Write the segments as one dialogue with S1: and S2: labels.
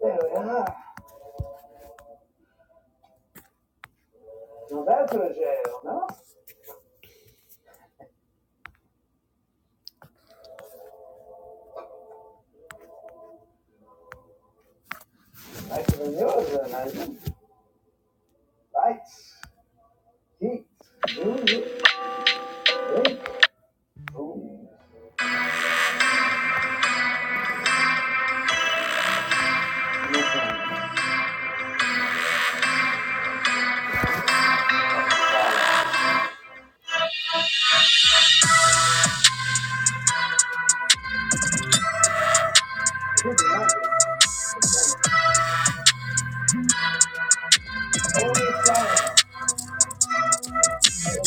S1: There we are. Now that's a jail, no? Nicer than yours, I imagine. Lights, heat, music, drink, food. No problem. Good night. All this time, I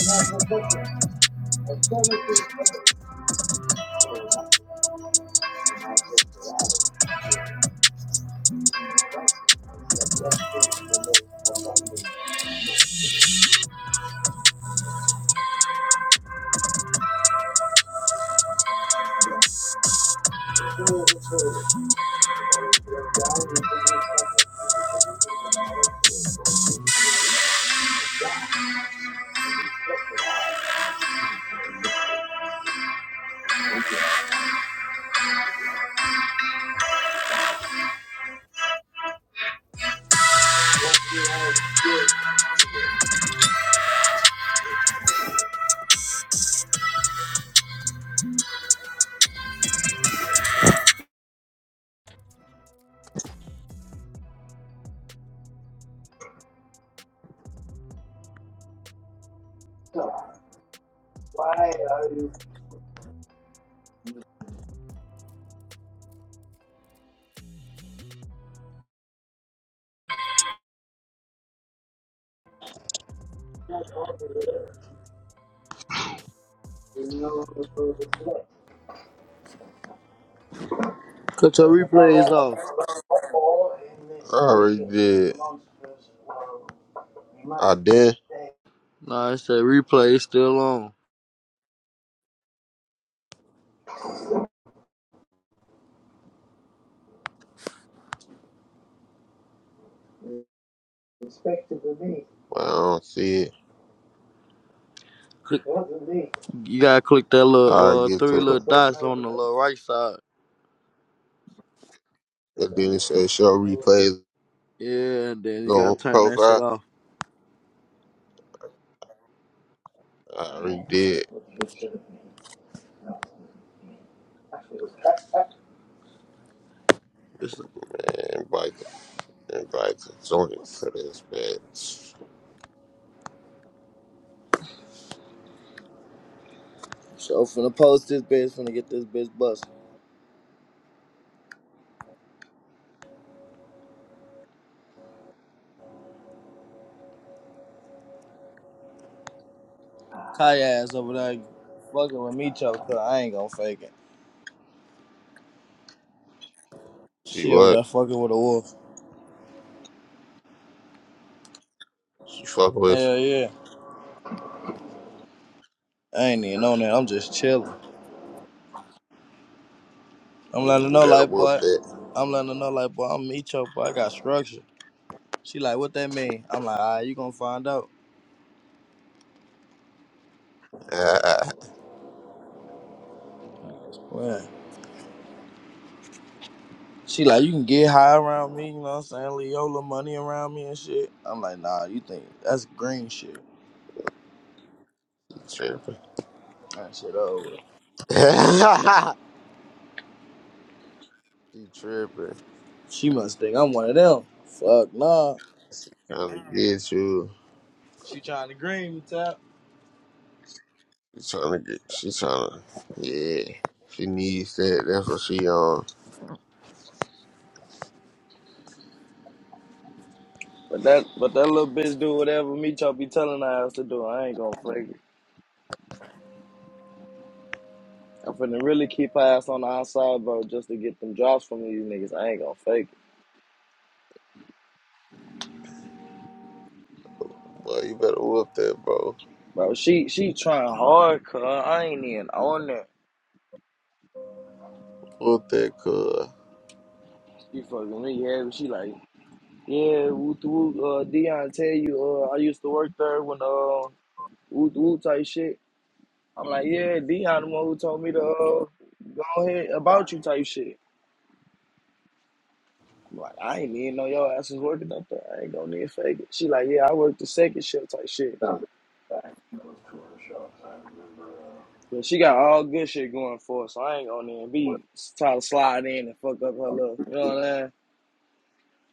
S1: don't have no picture. I so much to remember. I just arrived. That left thing in the lake for Monday. The two of us waited. We went down into the river. So, Why are you here? You know the road is left.
S2: Cut your
S1: I
S2: replays off.
S1: already did. I did.
S2: Nah, it's a replay. It's still on.
S1: But I don't see it.
S2: Click, you gotta click that
S1: I
S2: little uh
S1: get to
S2: three
S1: I
S2: little
S1: could it. go
S2: dots
S1: type
S2: on
S1: of
S2: the
S1: like
S2: little right side.
S1: said show replays
S2: Yeah, and then you gotta
S1: on
S2: turn that shit
S1: profile.
S2: off.
S1: I already did. No,
S2: It's,
S1: Man, invite invite the joint to this bitch.
S2: so finna post this bitch. Finna get this bitch bust. Kaya ass over there fucking with me, choke. Cause I ain't gonna fake it.
S1: See
S2: She over
S1: what?
S2: there fucking with a wolf.
S1: She fuck with
S2: Hell yeah. I ain't even on that. I'm just chilling.
S1: you.
S2: I'm
S1: Man,
S2: letting her
S1: you
S2: know,
S1: better
S2: like,
S1: whoop
S2: boy.
S1: that.
S2: I'm letting her know, like, boy. I'm me, choke. Boy, I got structure. She like, what that mean? I'm like, all right, you gonna find out.
S1: Ah,
S2: I was playing. She like, you can get high around me, you know what I'm saying? Leave your little money around me and shit. I'm like, nah, you think that's green shit.
S1: tripping.
S2: That shit over.
S1: she tripping.
S2: She must think I'm one of them. Fuck nah.
S1: Trying to get you.
S2: She trying to green me tap.
S1: She trying to get. She trying to. Yeah. She needs that. That's what she on.
S2: But that but that little bitch do whatever me chop be telling her ass to do. I ain't gonna fake it. I'm finna really keep her ass on the outside, bro, just to get them drops from these niggas. I ain't gonna fake it.
S1: Boy, you better whoop that, bro.
S2: Bro, she she trying hard, cuz I ain't even on that.
S1: Whoop that, cuz.
S2: She fucking me heavy. She like, Yeah, wu wu, uh, Dion tell you, uh, I used to work there when, uh, wu wu type shit. I'm like, yeah, Dion the one who told me to, uh, go ahead about you type shit. I'm like, I ain't even know your ass was working up there. I ain't gonna need fake it. She like, yeah, I worked the second shift type shit. But she got all good shit going for her, so I ain't gonna even be trying to slide in and fuck up her look. You know what I'm saying?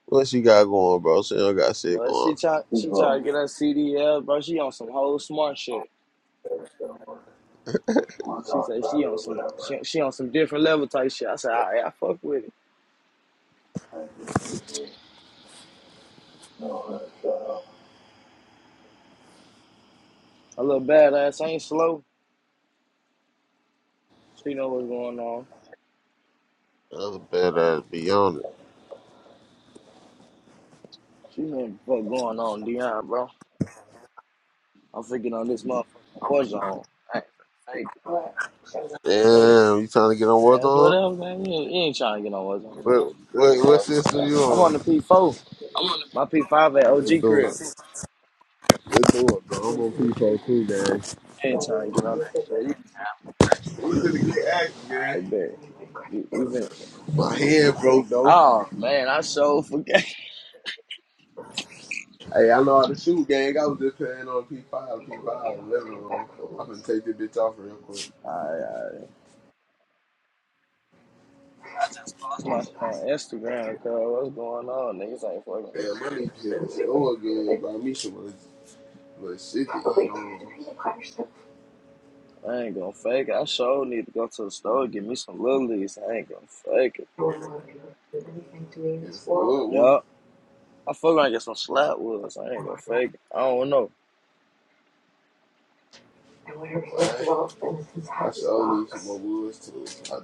S1: What she got going, bro? She don't got shit
S2: But she
S1: going.
S2: try, she try to get her CDL, bro. She on some whole smart shit. She said she on some she, she on some different level type shit. I said, all right, I fuck with it. A little badass, I ain't slow. She know what's going on.
S1: Other better be on it.
S2: She know what the fuck going on, Dion, bro. I'm freaking on this motherfucking war zone. I ain't fake
S1: Damn, you trying to get on
S2: it, man.
S1: what
S2: That's
S1: on?
S2: whatever, man. You ain't, you ain't trying to get on war zone, man.
S1: What, what, what system you
S2: I'm
S1: on?
S2: on the P4. My P5 at
S1: Let's
S2: OG
S1: do it.
S2: crib.
S1: Let's do it, bro. I'm on P4 too,
S2: You ain't trying to get on that
S1: man.
S2: shit. You,
S1: We finna get active, gang.
S2: I bet. You, you been,
S1: My hand broke though.
S2: oh, man, I so forget.
S1: Hey, I know how to shoot, gang. I was just playing on P5, P5, So I'm gonna take this bitch off real quick.
S2: I, I, I just post my shit on Instagram, cuz what's going on? Niggas ain't fucking.
S1: Damn, my nigga just so good. Buy me some little little shit.
S2: I ain't gonna fake it. I sure need to go to the store and get me some lilies. I ain't gonna fake it.
S1: One.
S2: Yup. I feel like I get some slapwoods. I ain't gonna fake it. I don't know.
S1: Let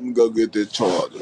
S1: me go get this charger.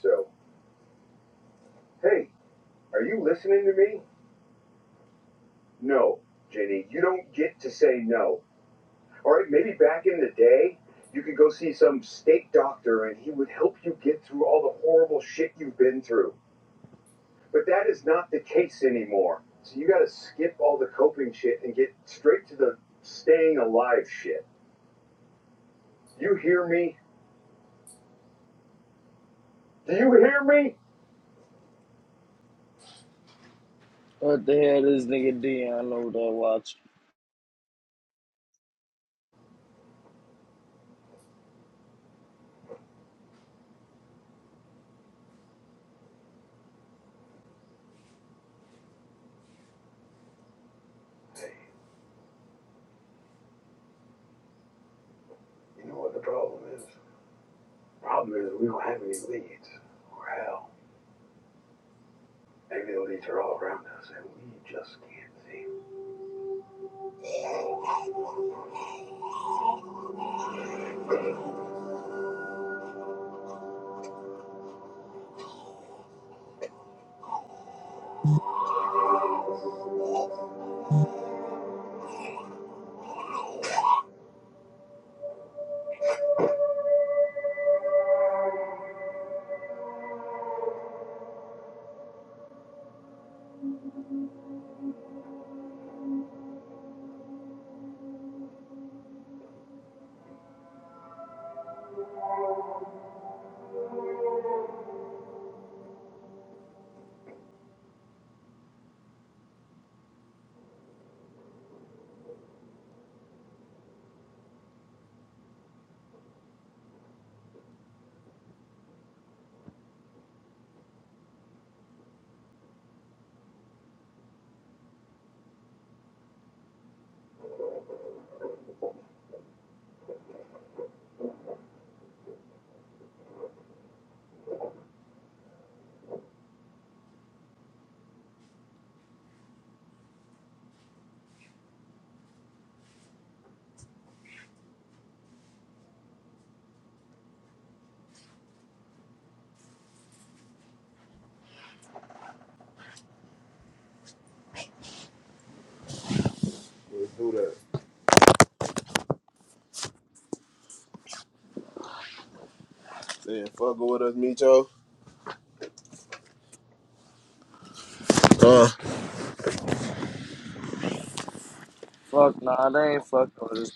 S1: So, hey, are you listening to me? No, Jenny, you don't get to say no. All right, maybe back in the day, you could go see some state doctor and he would help you get through all the horrible shit you've been through. But that is not the case anymore. So you got to skip all the coping shit and get straight to the staying alive shit. You hear me? Do you hear me?
S2: What the hell this nigga Dion over there watching?
S1: Let's do that. Saying fuck with us, Micho. Uh,
S2: Fuck nah, they ain't fucking with this.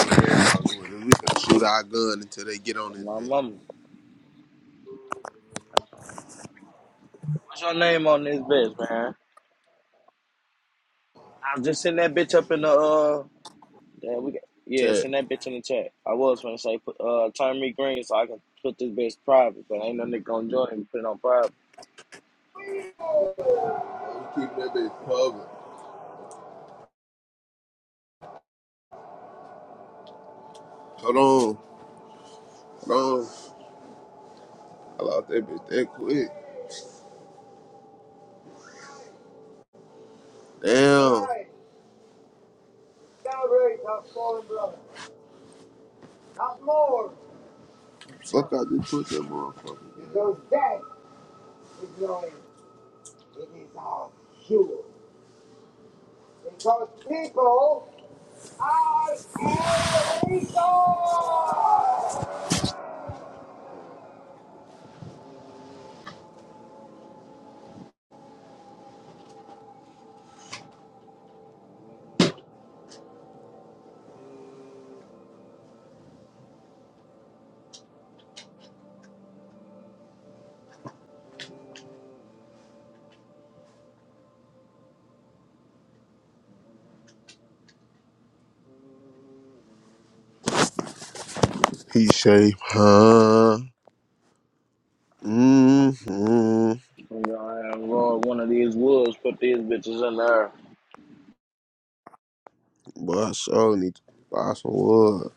S1: yeah, fuck with us. We can shoot our gun until they get on
S2: nigga,
S1: this
S2: My
S1: bitch.
S2: mama. What's your name on this bitch, man? I was just send that bitch up in the uh. Yeah, we got. Yeah,
S1: Chat.
S2: send that bitch in the chat. I was gonna say put uh turn me green so I can put this bitch private, but ain't no nigga gonna join and put it on private.
S1: We keep that bitch covered. Hold on. Hold on. I lost that bitch that quick. Damn. Fuck, out just put that motherfucker down. Ignoring it is our fuel. Because people are a resource! He shape, huh? Mm-hmm.
S2: I'm gonna roll one of these woods, put these bitches in there.
S1: Boy, I sure need to buy some wood.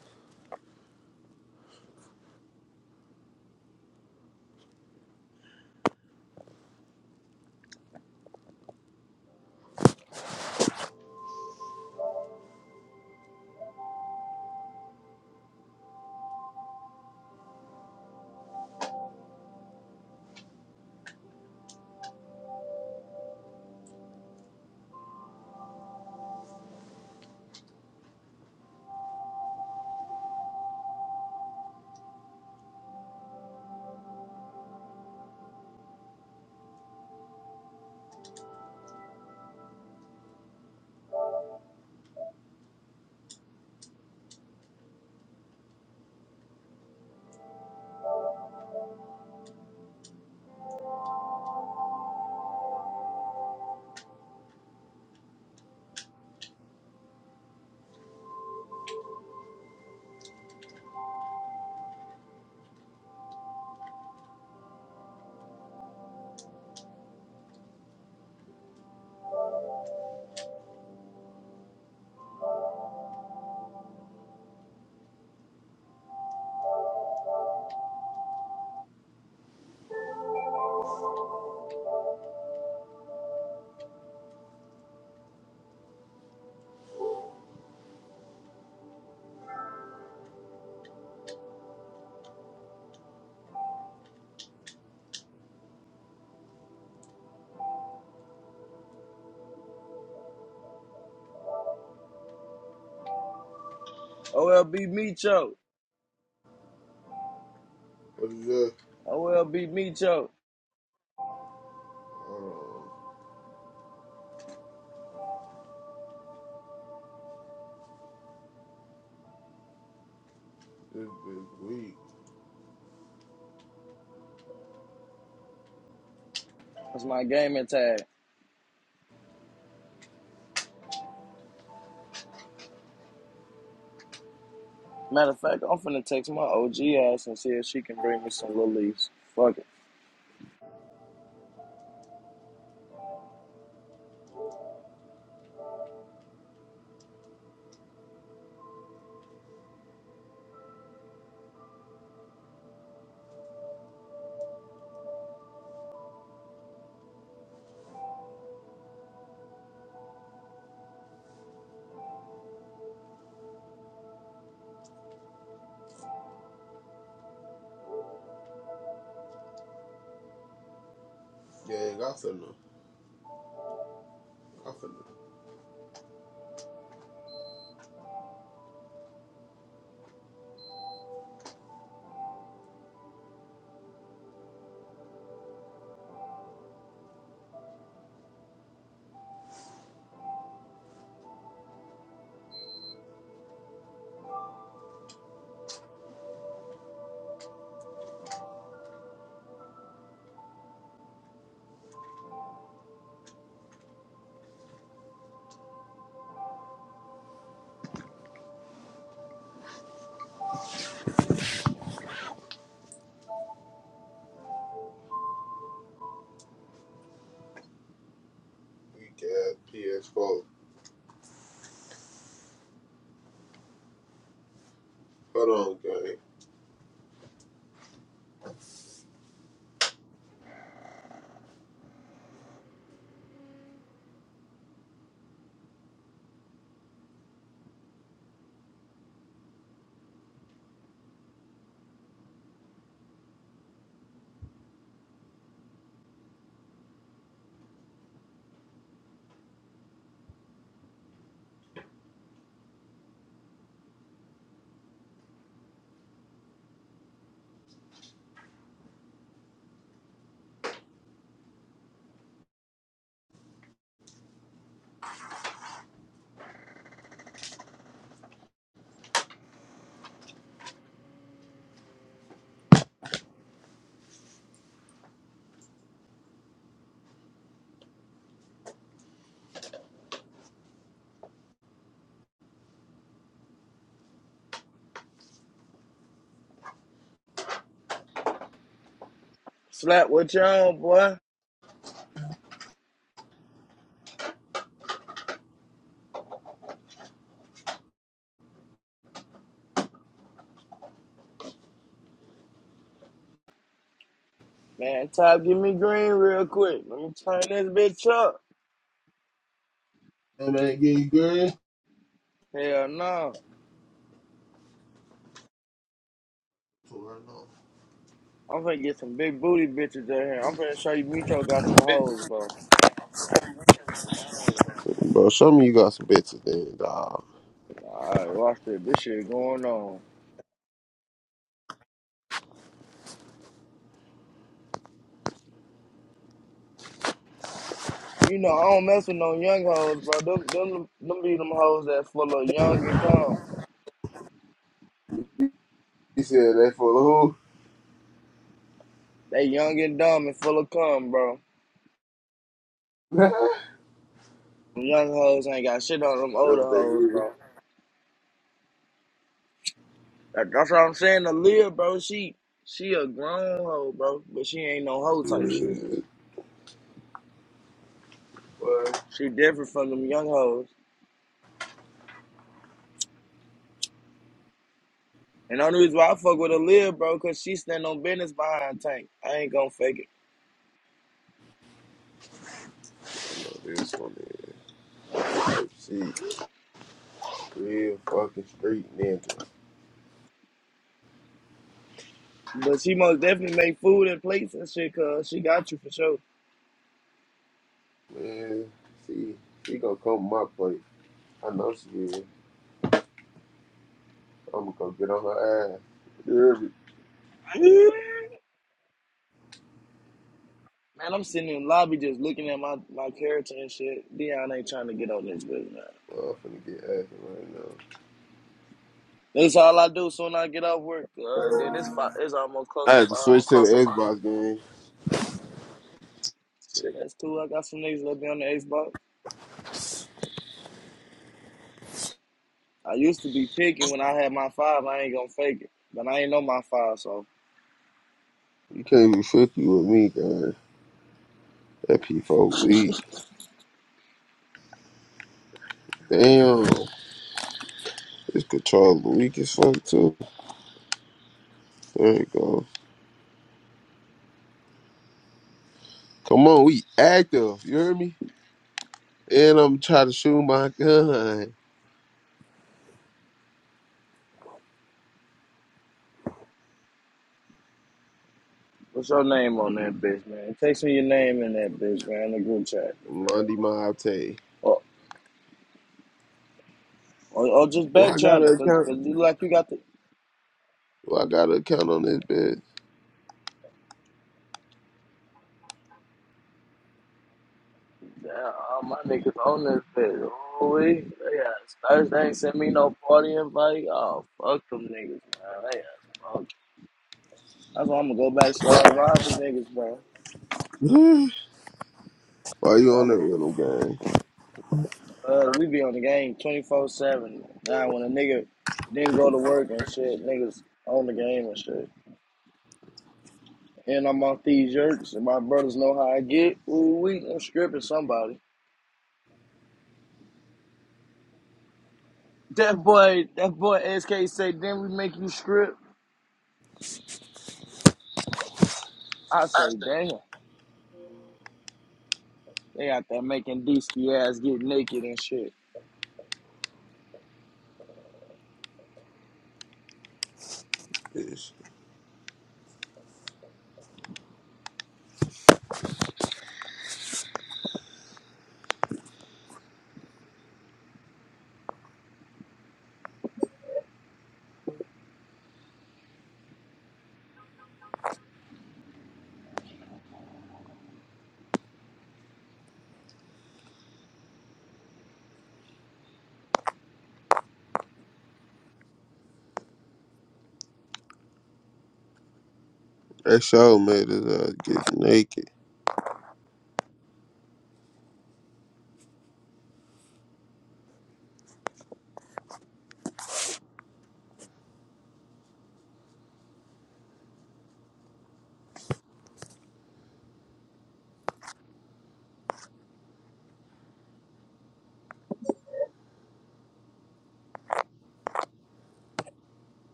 S2: OLB Micho.
S1: What is that?
S2: OLB Micho.
S1: Uh, this bitch weak.
S2: That's my gaming tag. Matter of fact, I'm finna text my OG ass and see if she can bring me some little leaves. Fuck it.
S1: Gang, I finna, I finna weak ass PS4. Hold on, gang.
S2: Slap what you on, boy. Man, Top, give me green real quick. Let me turn this bitch up.
S1: Hey, man.
S2: Hell no. I'm finna get some big booty bitches out here. I'm finna show you Micho got some hoes, bro.
S1: Bro, show me you got some bitches then, dog.
S2: Alright, watch this. This shit going on. You know, I don't mess with no young hoes, bro. Them, them, them be them hoes that's full of young and calm.
S1: He said they full of who?
S2: They young and dumb and full of cum, bro. Them young hoes ain't got shit on them
S1: That's
S2: older
S1: what they
S2: hoes,
S1: really.
S2: bro. That, that's what I'm saying. Aaliyah, bro, she she a grown hoe, bro, but she ain't no hoe type shit. She different from them young hoes. And the only reason why I fuck with Aaliyah, bro, cause she stand on business behind Tank. I ain't gonna fake it.
S1: Oh, this one is. Let's see. Real fucking street ninja.
S2: But she most definitely make food and plates and shit, cause she got you for sure.
S1: Man, see, she gonna come to my plate. I know she is. I'm gonna go get on her ass. You hear me?
S2: Man, I'm sitting in the lobby just looking at my, my character and shit. Dion ain't trying to get on this bitch, man.
S1: Well, I'm finna get ass right now.
S2: That's all I do soon as I get off work. Uh, and then it's five, it's almost close
S1: I
S2: to
S1: had to
S2: five.
S1: switch to the Xbox game.
S2: Shit, that's cool. I got some niggas that be on the Xbox. I used to be picking when I had my five. I ain't gonna fake it, but I ain't know my five. So
S1: You can't be fifty with me, guys. That P4 weak. Damn. This controller weak as fuck, too. There you go. Come on, we active. You hear me? And I'm trying to shoot my gun.
S2: what's your name on that bitch, man? Text me your name in that bitch, man. In the group chat,
S1: Monday my Monte.
S2: or or, or just
S1: Do
S2: back
S1: I got
S2: channel,
S1: an
S2: cause
S1: account?
S2: cause you look like you got the.
S1: Do I got an account on this bitch?
S2: Yeah, all my niggas on this bitch. Oh, we yeah. Thursday ain't sent me no party invite. Oh fuck them niggas, man. They ass That's why I'm gonna go back start robbing niggas, bro.
S1: Why you
S2: Like,
S1: on that
S2: I'm
S1: rhythm game,
S2: uh, we be on the game 24 seven. Now when a nigga didn't go to work and shit, niggas on the game and shit. And I'm off these jerks, and my brothers know how I get. Ooh, we I'm stripping somebody. That boy, that boy SK say, then we make you strip. I say, damn, they out there making Deesky ass get naked and shit.
S1: Bitch. That show made his ass get naked.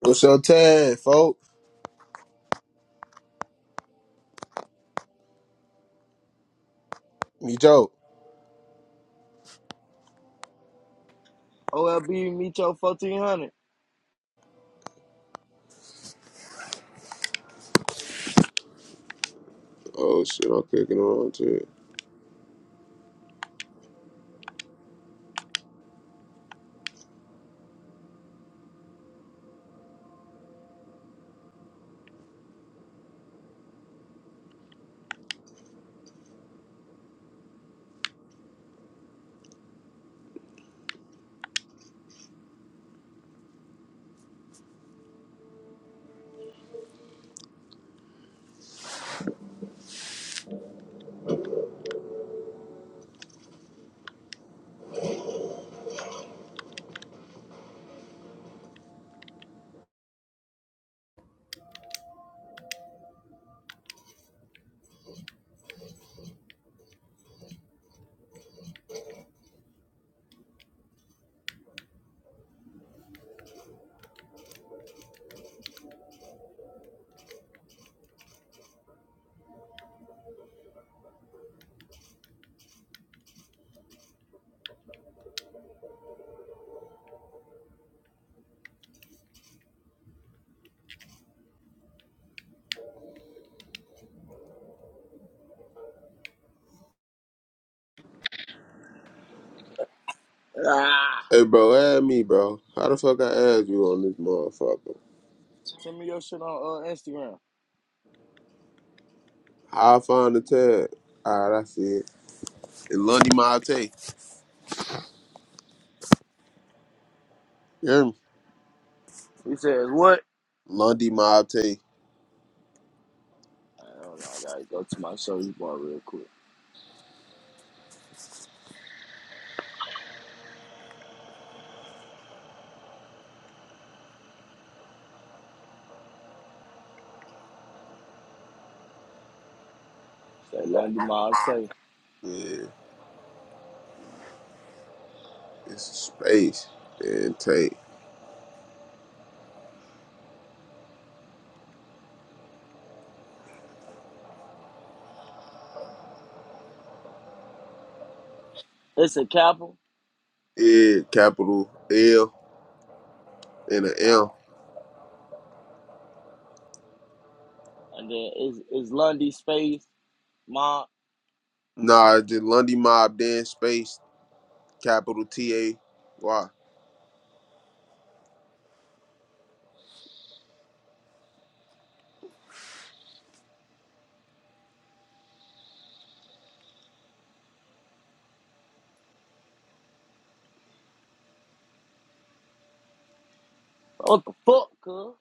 S1: What's your time, folks? Me joke.
S2: OLB meet your 1400.
S1: Oh shit, I'm clicking on to it.
S2: Ah,
S1: Hey bro, add me, bro. How the fuck I add you on this motherfucker?
S2: send me your shit on uh, Instagram.
S1: How I find the tag? Alright, I see it. It's Lundy Mate. You hear me?
S2: He says, what?
S1: Lundy Mob Tay.
S2: I don't know. I gotta go to my service bar real quick. Say Lundy Mob Tech.
S1: Yeah. It's space. And Tay.
S2: It's a capital.
S1: Yeah, capital L and an M.
S2: Alright. And then is is Lundy Space Mob.
S1: Nah, it's just Lundy Mob, then space, capital T A Y.
S2: What the fuck, cuz?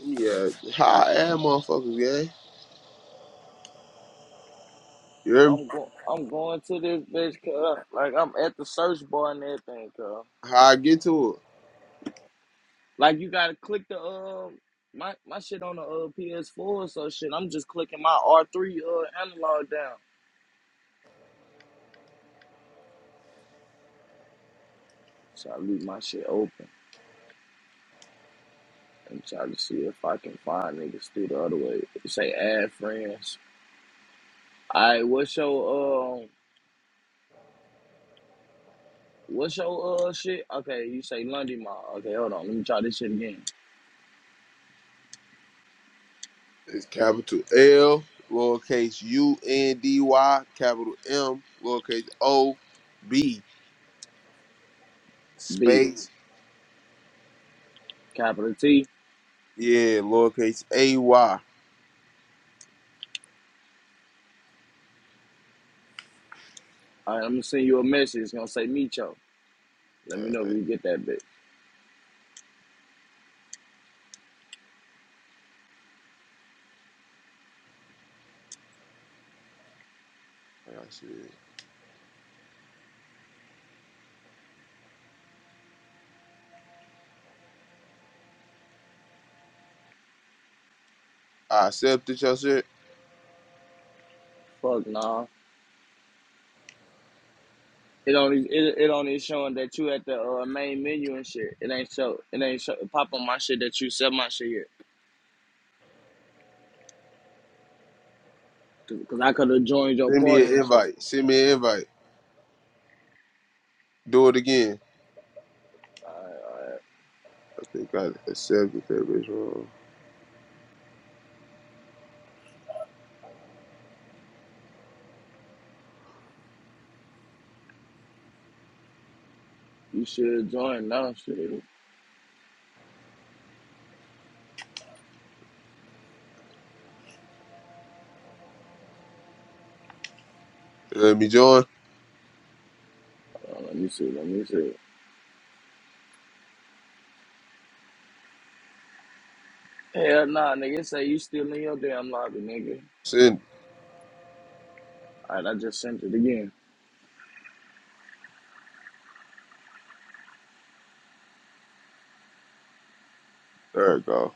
S1: Yeah, how I add motherfuckers, yeah. You hear me?
S2: I'm going I'm going to this bitch cuz like I'm at the search bar and everything, cuz.
S1: How I get to
S2: Like you gotta click the um my my shit on the uh, PS4 so shit. I'm just clicking my R3 uh analog down. So I leave my shit open and try to see if I can find niggas through the other way. It Say add friends. Alright, what's your um what's your uh shit? Okay, you say Lundy Mall. Okay, hold on, let me try this shit again.
S1: it? It's capital L, lowercase U N D Y, capital M, lowercase O B,
S2: B
S1: space,
S2: capital T.
S1: yeah, lowercase A Y.
S2: Alright, I'm gonna send you a message. It's gonna say Micho. Let me know if you get that bitch.
S1: That's it. I accepted your shit.
S2: Fuck nah. It only it, it only is showing that you at the uh, main menu and shit. It ain't show it ain't show pop on my shit that you sell my shit yet. Cause Cause I could have joined your
S1: Send me
S2: party
S1: an
S2: and shit.
S1: invite. Send me an invite. Do it again.
S2: Alright, alright.
S1: I think I accepted that bitch wrong.
S2: You should join now shit.
S1: Let me join.
S2: Hold on, let me see, let me see. Hell nah, nigga, it say you still in your damn lobby, nigga.
S1: Send. it.
S2: All right, I just sent it again.
S1: There it go.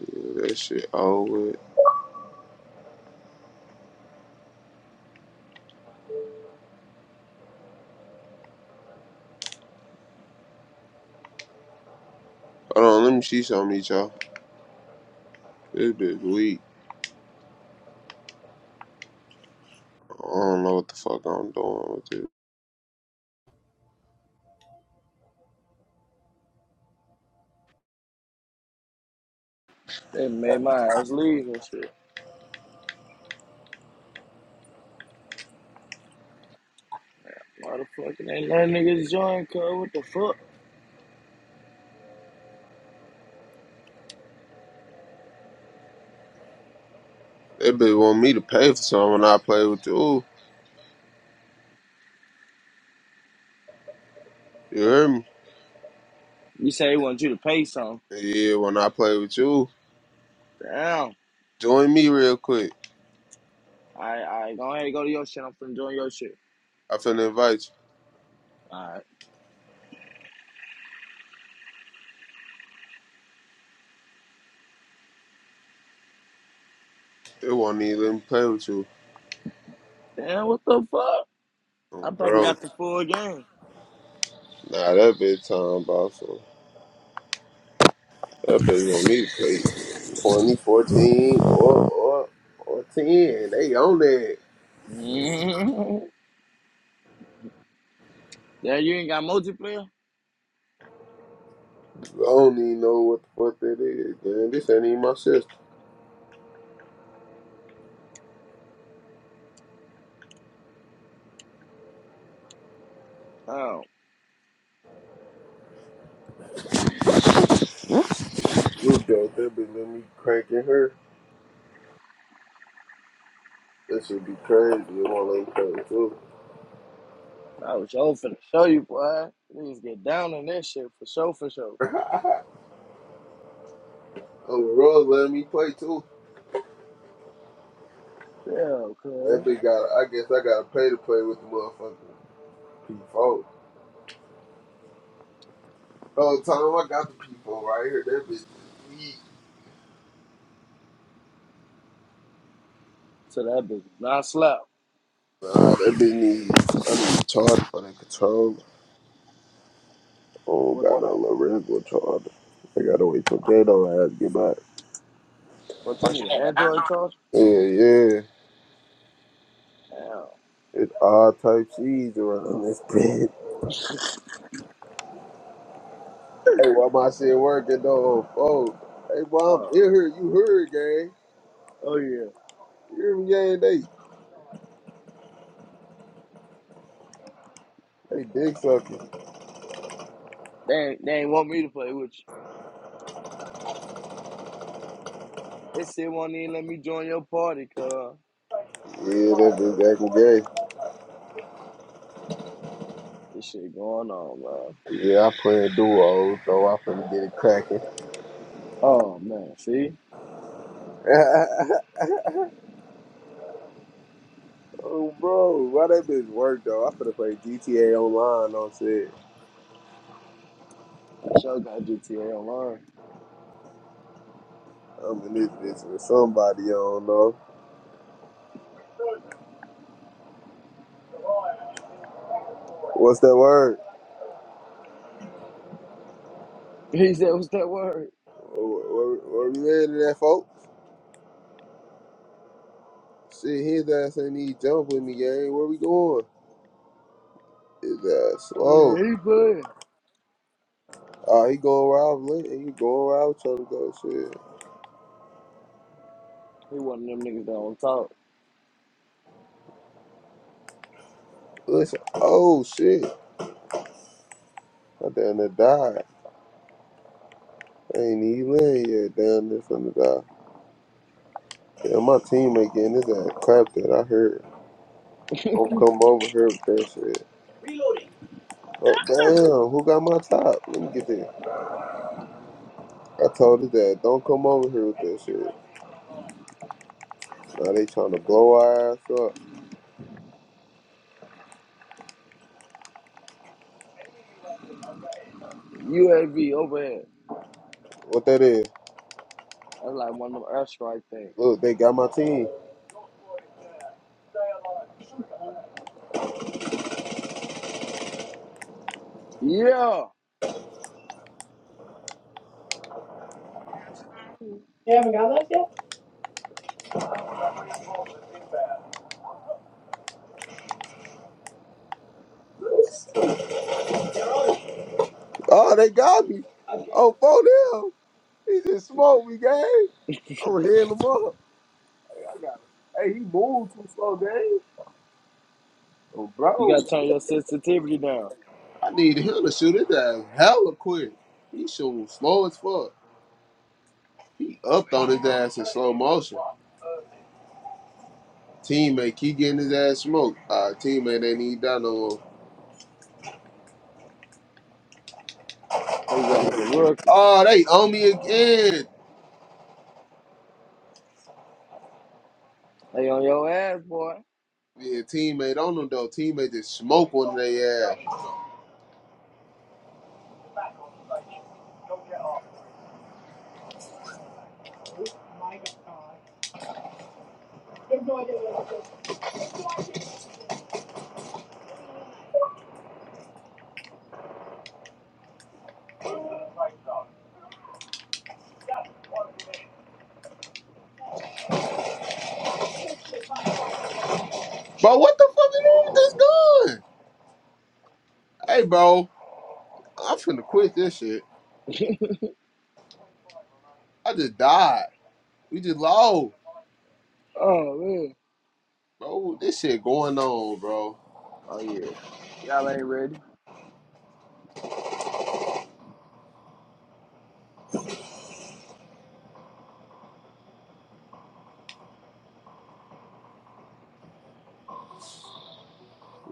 S1: Yeah, that shit over. with. Hold on, let me see something, y'all. This bitch weak. I don't know what the fuck I'm doing with you.
S2: They made my ass leave and shit. Why the fuck ain't that niggas join, cuz? What the fuck?
S1: They be want me to pay for something when I play with you. You hear me?
S2: You say they want you to pay some.
S1: Yeah, when I play with you,
S2: Damn. All
S1: join me real quick.
S2: right, all right, go ahead and go to your shit. I'm finna join your shit.
S1: I finna invite you.
S2: All right.
S1: They won't even let me play with you.
S2: Damn, what the fuck? I
S1: Um,
S2: probably
S1: Bro,
S2: got the full game.
S1: nah, that bitch time, bro. So that bitch want me to play 20 14 or, or, or 10. They on that.
S2: mm Yeah, you ain't got multiplayer?
S1: I don't even know what the fuck that is, man. This ain't even my sister.
S2: Oh,
S1: You joke, that bitch let me crank in her. That should be crazy. It won't let me play with you.
S2: I was sure finna show you, boy. Niggas get down in that shit for sure, for sure.
S1: Oh, Rose let me play too.
S2: Yeah,
S1: That
S2: cuz.
S1: bitch got. I guess I gotta pay to play with the motherfucking P4. Oh, Tom, I got the P4 right here. That bitch is weak.
S2: So that bitch not slap.
S1: Nah, that bitch need. I need a charger for that controller. Oh,
S2: Whatever.
S1: got no little regular charger. I gotta wait till Gato ass get back.
S2: But you need an Android charger?
S1: Yeah, yeah.
S2: Damn.
S1: It's all type C's around this bitch. Hey, why my shit working though? Oh, hey, mom,
S2: Oh,
S1: you heard, you heard, gang.
S2: Oh yeah.
S1: You hear me, gang? They, they dick sucking.
S2: They ain't, they ain't want me to play with you. They still won't even let me join your party, cuz.
S1: Yeah, that bitch.
S2: This shit going on, man.
S1: Yeah, i playing duo, so i finna get it cracking.
S2: Oh man, see?
S1: oh, bro, why that bitch work though? i finna play GTA Online on shit.
S2: I sure got GTA online.
S1: I'm in this bitch with somebody, I don't know. What's that word?
S2: He said, what's that word?
S1: Where, where, we headed, at, folks? Shit, his ass ain't need jump with me, gang. Where we going? His ass
S2: Oh
S1: slow.
S2: yeah, he playing.
S1: Oh, he going where I was laying. He going where I was trying to go. Shit.
S2: He one of them niggas that don't talk.
S1: Listen, oh shit. I down there died. ain't even land yet. Down there finna die. Yeah, my teammate getting his ass clapped at. I heard oh come over here with that shit. Oh damn, who got my top? Let me get there. I told his dad, don't come over here with that shit. Now they trying to blow our ass up.
S2: UAV overhead.
S1: What that is?
S2: That's like one of them airstrike things.
S1: Look, they got my team.
S2: Yeah.
S1: You haven't got that yet? Oh, they got me. Oh, for them. He just smoked me, gang. I'm healing him up. Hey, he moved too slow, gang. Oh,
S2: You
S1: bro.
S2: gotta turn your sensitivity down.
S1: I need him to shoot his ass hella quick. He shooting slow as fuck. He upped on his ass in slow motion. Teammate keep getting his ass smoked. Uh, teammate ain't even done no more.
S2: His ass a rookie.
S1: Oh, they on me again.
S2: They on your ass, boy.
S1: Yeah, teammate on them though. Teammate just smoke on their ass. Bro, what the fuck is wrong with this gun? Hey, bro, I'm finna quit this shit. I just died. We just low,
S2: oh man.
S1: bro. This shit going on, bro.
S2: Oh yeah. Y'all ain't ready.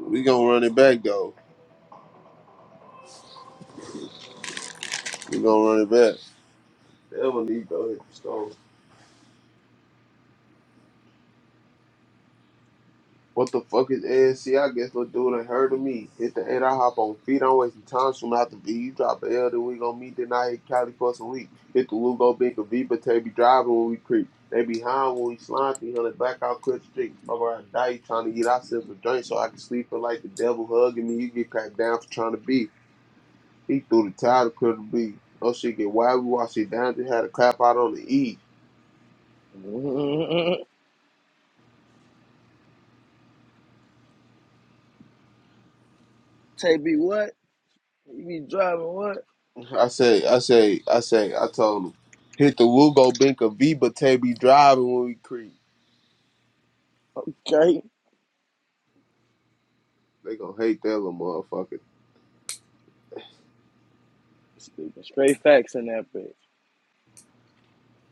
S1: We gonna run it back though. We gonna run it back. They don't need to go hit the store. What the fuck is ASC? guess little dude ain't heard of me. Hit the eight, I hop on feet. I'm wasting time. Soon after V, you drop an L, then we gon' meet. Then I hit Cali for some week. Hit the Lugo, big a V, but they be driving when we creep. They behind when we slime 300 back out Cliff Street. Fuck around, die. You trying to eat? I sip a drink so I can sleep. for like the devil hugging me. You get cracked down for trying to be. He threw the towel to Cliff B. No shit get wild. We watch it down. Just had a clap out on the E.
S2: Tay B what? You be driving what?
S1: I say, I say, I say, I told him, hit the Wugo Binka Viva tape be driving when we creep.
S2: Okay.
S1: They gonna hate that little motherfucker.
S2: Speaking straight facts in that bitch.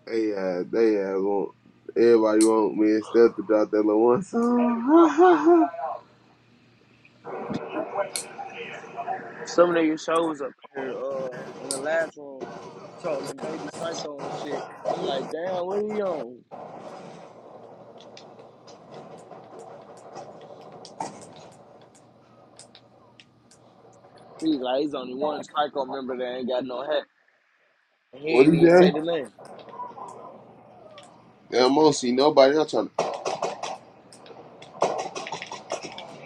S1: They uh, they uh, want everybody want me and Steph to drop that little one. song.
S2: Some niggas shows up here uh in the last room trolling baby psycho and shit. I'm like, damn, what he on? He's like, he's only one psycho member that ain't got no hat. And he
S1: What he
S2: ain't even say
S1: say?
S2: the name.
S1: Yeah, I don't see nobody else trying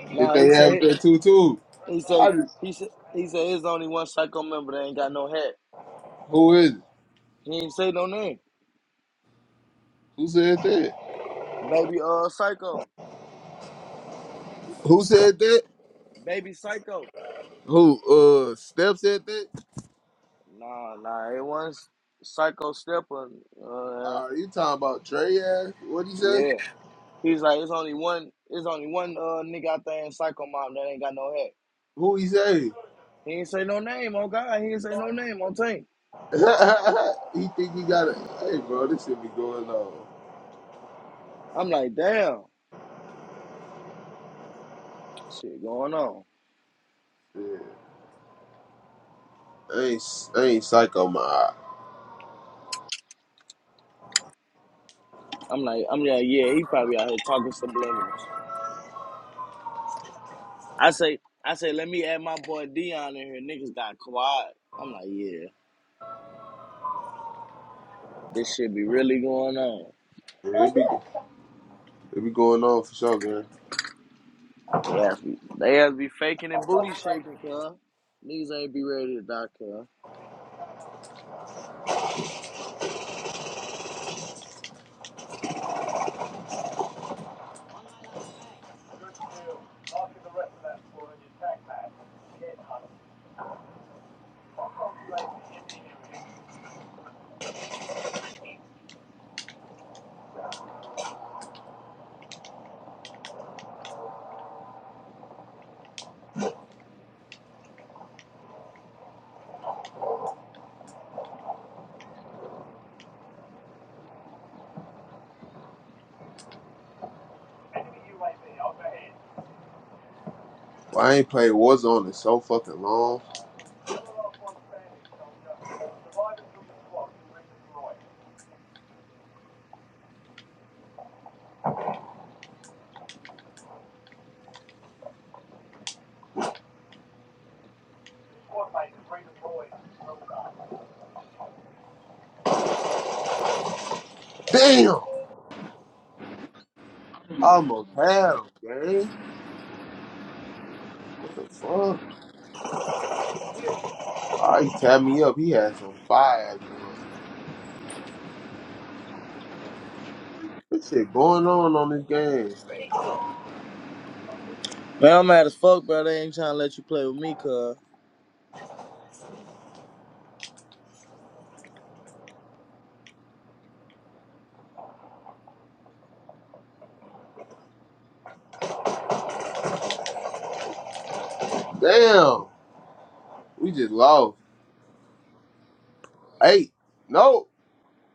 S1: to. If
S2: Nah, he
S1: they have
S2: said
S1: that too, too.
S2: he
S1: I
S2: say
S1: just,
S2: he said he said there's only one psycho member that ain't got no hat.
S1: who is it?
S2: He ain't say no name.
S1: Who said that?
S2: Baby uh psycho.
S1: Who said that?
S2: Baby psycho.
S1: Who? Uh, Steph said that.
S2: Nah, nah, it was psycho stepper. Uh
S1: Uh, you talking about Trey? Ass? What he say?
S2: yeah. He's like, it's only one, it's only one uh nigga out there in Psycho Mom that ain't got no head.
S1: Who he say?
S2: He ain't say no name, oh God, he ain't say no name on tape.
S1: he think he got it. Hey, bro, this shit be going on.
S2: I'm like, damn, shit going on.
S1: Yeah. I ain't, s- I ain't psycho, my eye.
S2: I'm like, I'm like, yeah, he probably out here talking subliminals. I say, I say, let me add my boy Dion in here. Niggas got quiet. I'm like, yeah, this shit be really going on.
S1: Yeah, it, be, it be going on for sure, girl.
S2: They ass be, they ass be faking and booty shaking, cuz. Niggas ain't be ready to die, cuz.
S1: Well, I ain't played Warzone in so fucking long. Damn! Almost had him, gang. What the fuck? Oh, he tapped me up. He had some fire gun. This shit going on on this game.
S2: Man, I'm mad as fuck, bro. They ain't trying to let you play with me, cuz.
S1: Damn! We just lost. Hey, no,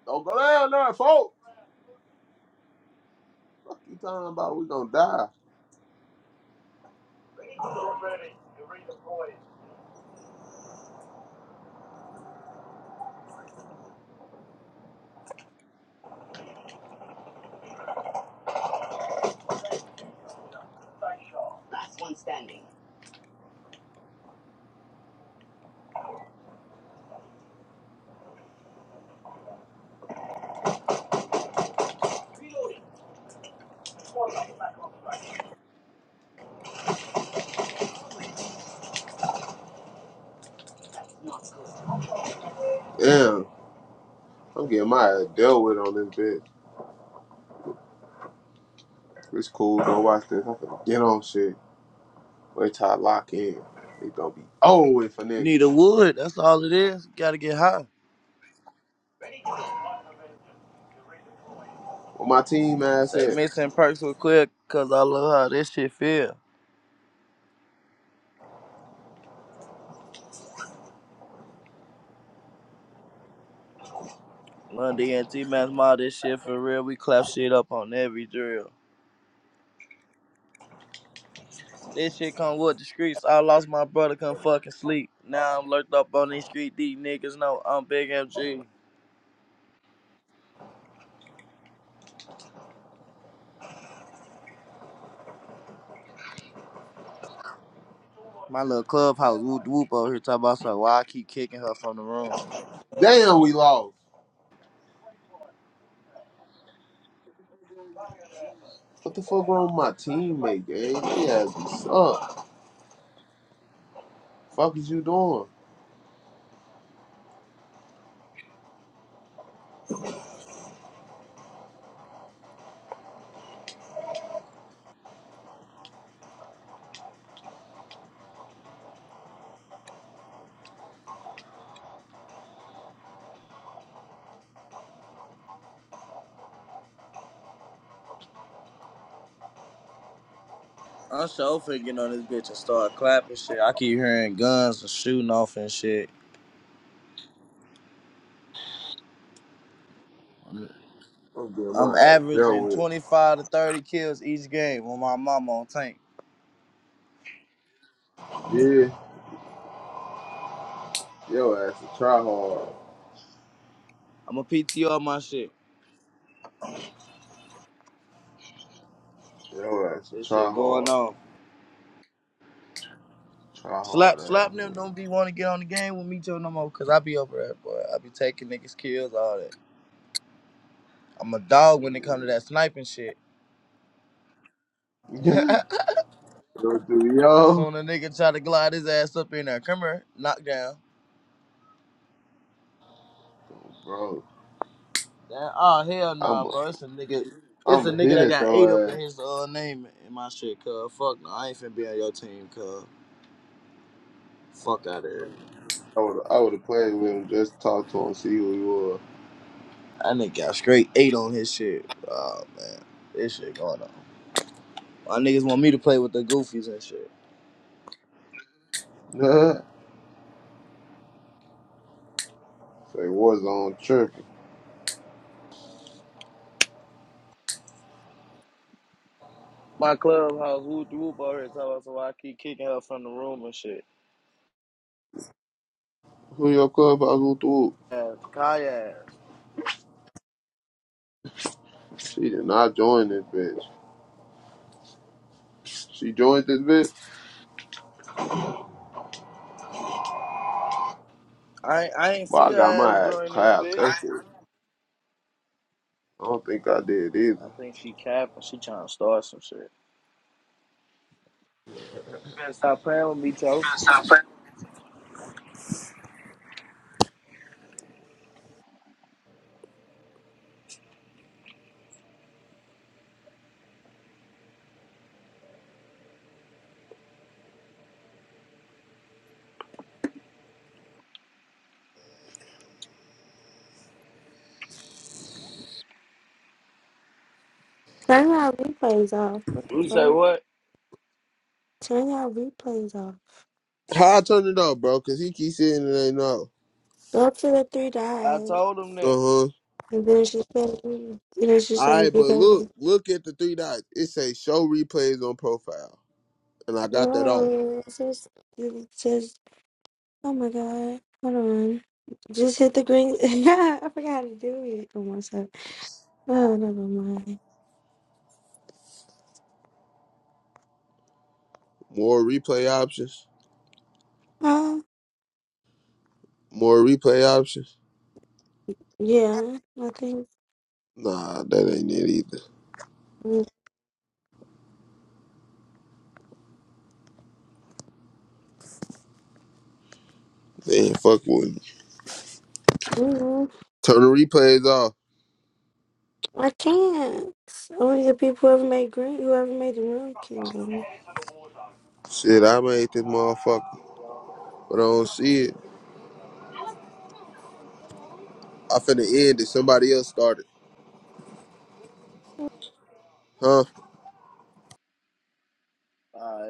S1: don't go down there, folks. Fuck you talking about? We gonna die. Damn, I'm getting my ass dealt with on this bitch. It's cool, don't watch this. I'm gonna get on shit. Wait till I lock in. It gonna be over with a nigga.
S2: Need a wood. That's all it is. Gotta get high.
S1: What my team ass
S2: Say
S1: at?
S2: mixing perks with quick, cause I love how this shit feel. Lundy and T Man's mod, this shit for real. We clap shit up on every drill. This shit come with the streets. I lost my brother, couldn't fucking sleep. Now I'm lurked up on these street. These niggas know I'm big MG. My little clubhouse whoop whoop over here talking about so why I keep kicking her from the room.
S1: Damn, we lost. What the fuck wrong with my teammate, gang? He has be suck. Fuck is you doing?
S2: I'm so finna get on this bitch and start clapping shit. I keep hearing guns and shooting off and shit.
S1: I'm getting my
S2: I'm
S1: ass dealt
S2: averaging
S1: with.
S2: 25 to 30 kills each game on my mama on tank.
S1: Yeah, your ass a try hard.
S2: I'm a PTR my shit.
S1: Your ass a
S2: This
S1: try
S2: shit going
S1: hard.
S2: on.
S1: Try
S2: Slap,
S1: hard
S2: slap them.
S1: ass,
S2: Don't be want to get on the game with me too no more. Cause I be over there, boy. I be taking niggas kills, all that. I'm a dog when it come to that sniping shit.
S1: nigga. Go through, yo.
S2: Soon a nigga try to glide his ass up in there. Come here, knock down.
S1: Bro,
S2: Damn, oh hell
S1: I'm
S2: nah,
S1: a,
S2: bro. It's a nigga. It's
S1: I'm
S2: a
S1: a
S2: nigga
S1: hit
S2: that
S1: at
S2: got eight up
S1: your ass.
S2: in his uh name in my shit, cuz. Fuck no, I ain't finna be on your team, cuz. Fuck out of here.
S1: I would I would have played with him, just talk to him, see who
S2: That nigga got straight eight on his shit. Oh man, this shit going on. My niggas want me to play with the goofies and shit.
S1: he was. Say Warzone tripping.
S2: My clubhouse whoop the whoop over here talking about so I keep kicking her from the room and shit.
S1: Who your clubhouse went through?
S2: Ass, Kaya ass.
S1: She did not join this bitch. She joined this bitch,
S2: I ain't- I ain't
S1: but
S2: see
S1: I
S2: her
S1: got my
S2: ass
S1: ass
S2: during this
S1: clapped.
S2: bit.
S1: That's it. I don't think I did
S2: I
S1: either.
S2: think she capping. She trying to start some shit. She better stop playing with me, Toe.
S3: Turn y'all replays off. What the
S2: You say
S3: fuck?
S2: what?
S3: Turn y'all replays off.
S1: How I turned it off, bro? Cause he keeps saying it ain't no.
S3: Go to the three
S2: I
S3: dots.
S2: told him
S1: Uh
S2: that.
S1: huh.
S3: And then she said, and then she
S1: All
S3: said,
S1: right, but look,
S3: because,
S1: look at the three dots. It say show replays on profile, and I got that off.
S3: no, it says, it says, oh my god, hold on. Just hit the green. yeah, I forgot how to do it. Oh, one sec. Oh, never mind.
S1: More replay options.
S3: Oh,
S1: More replay options.
S3: yeah, I think.
S1: Nah, that ain't it either.
S3: mm
S1: They ain't fuck with me.
S3: mm,
S1: Turn the replays off.
S3: I can't. Only the people whoever made green, whoever made the room can.
S1: Shit, I made this motherfucker, but I don't see it. I finna end it. Somebody else started. Huh?
S2: All right.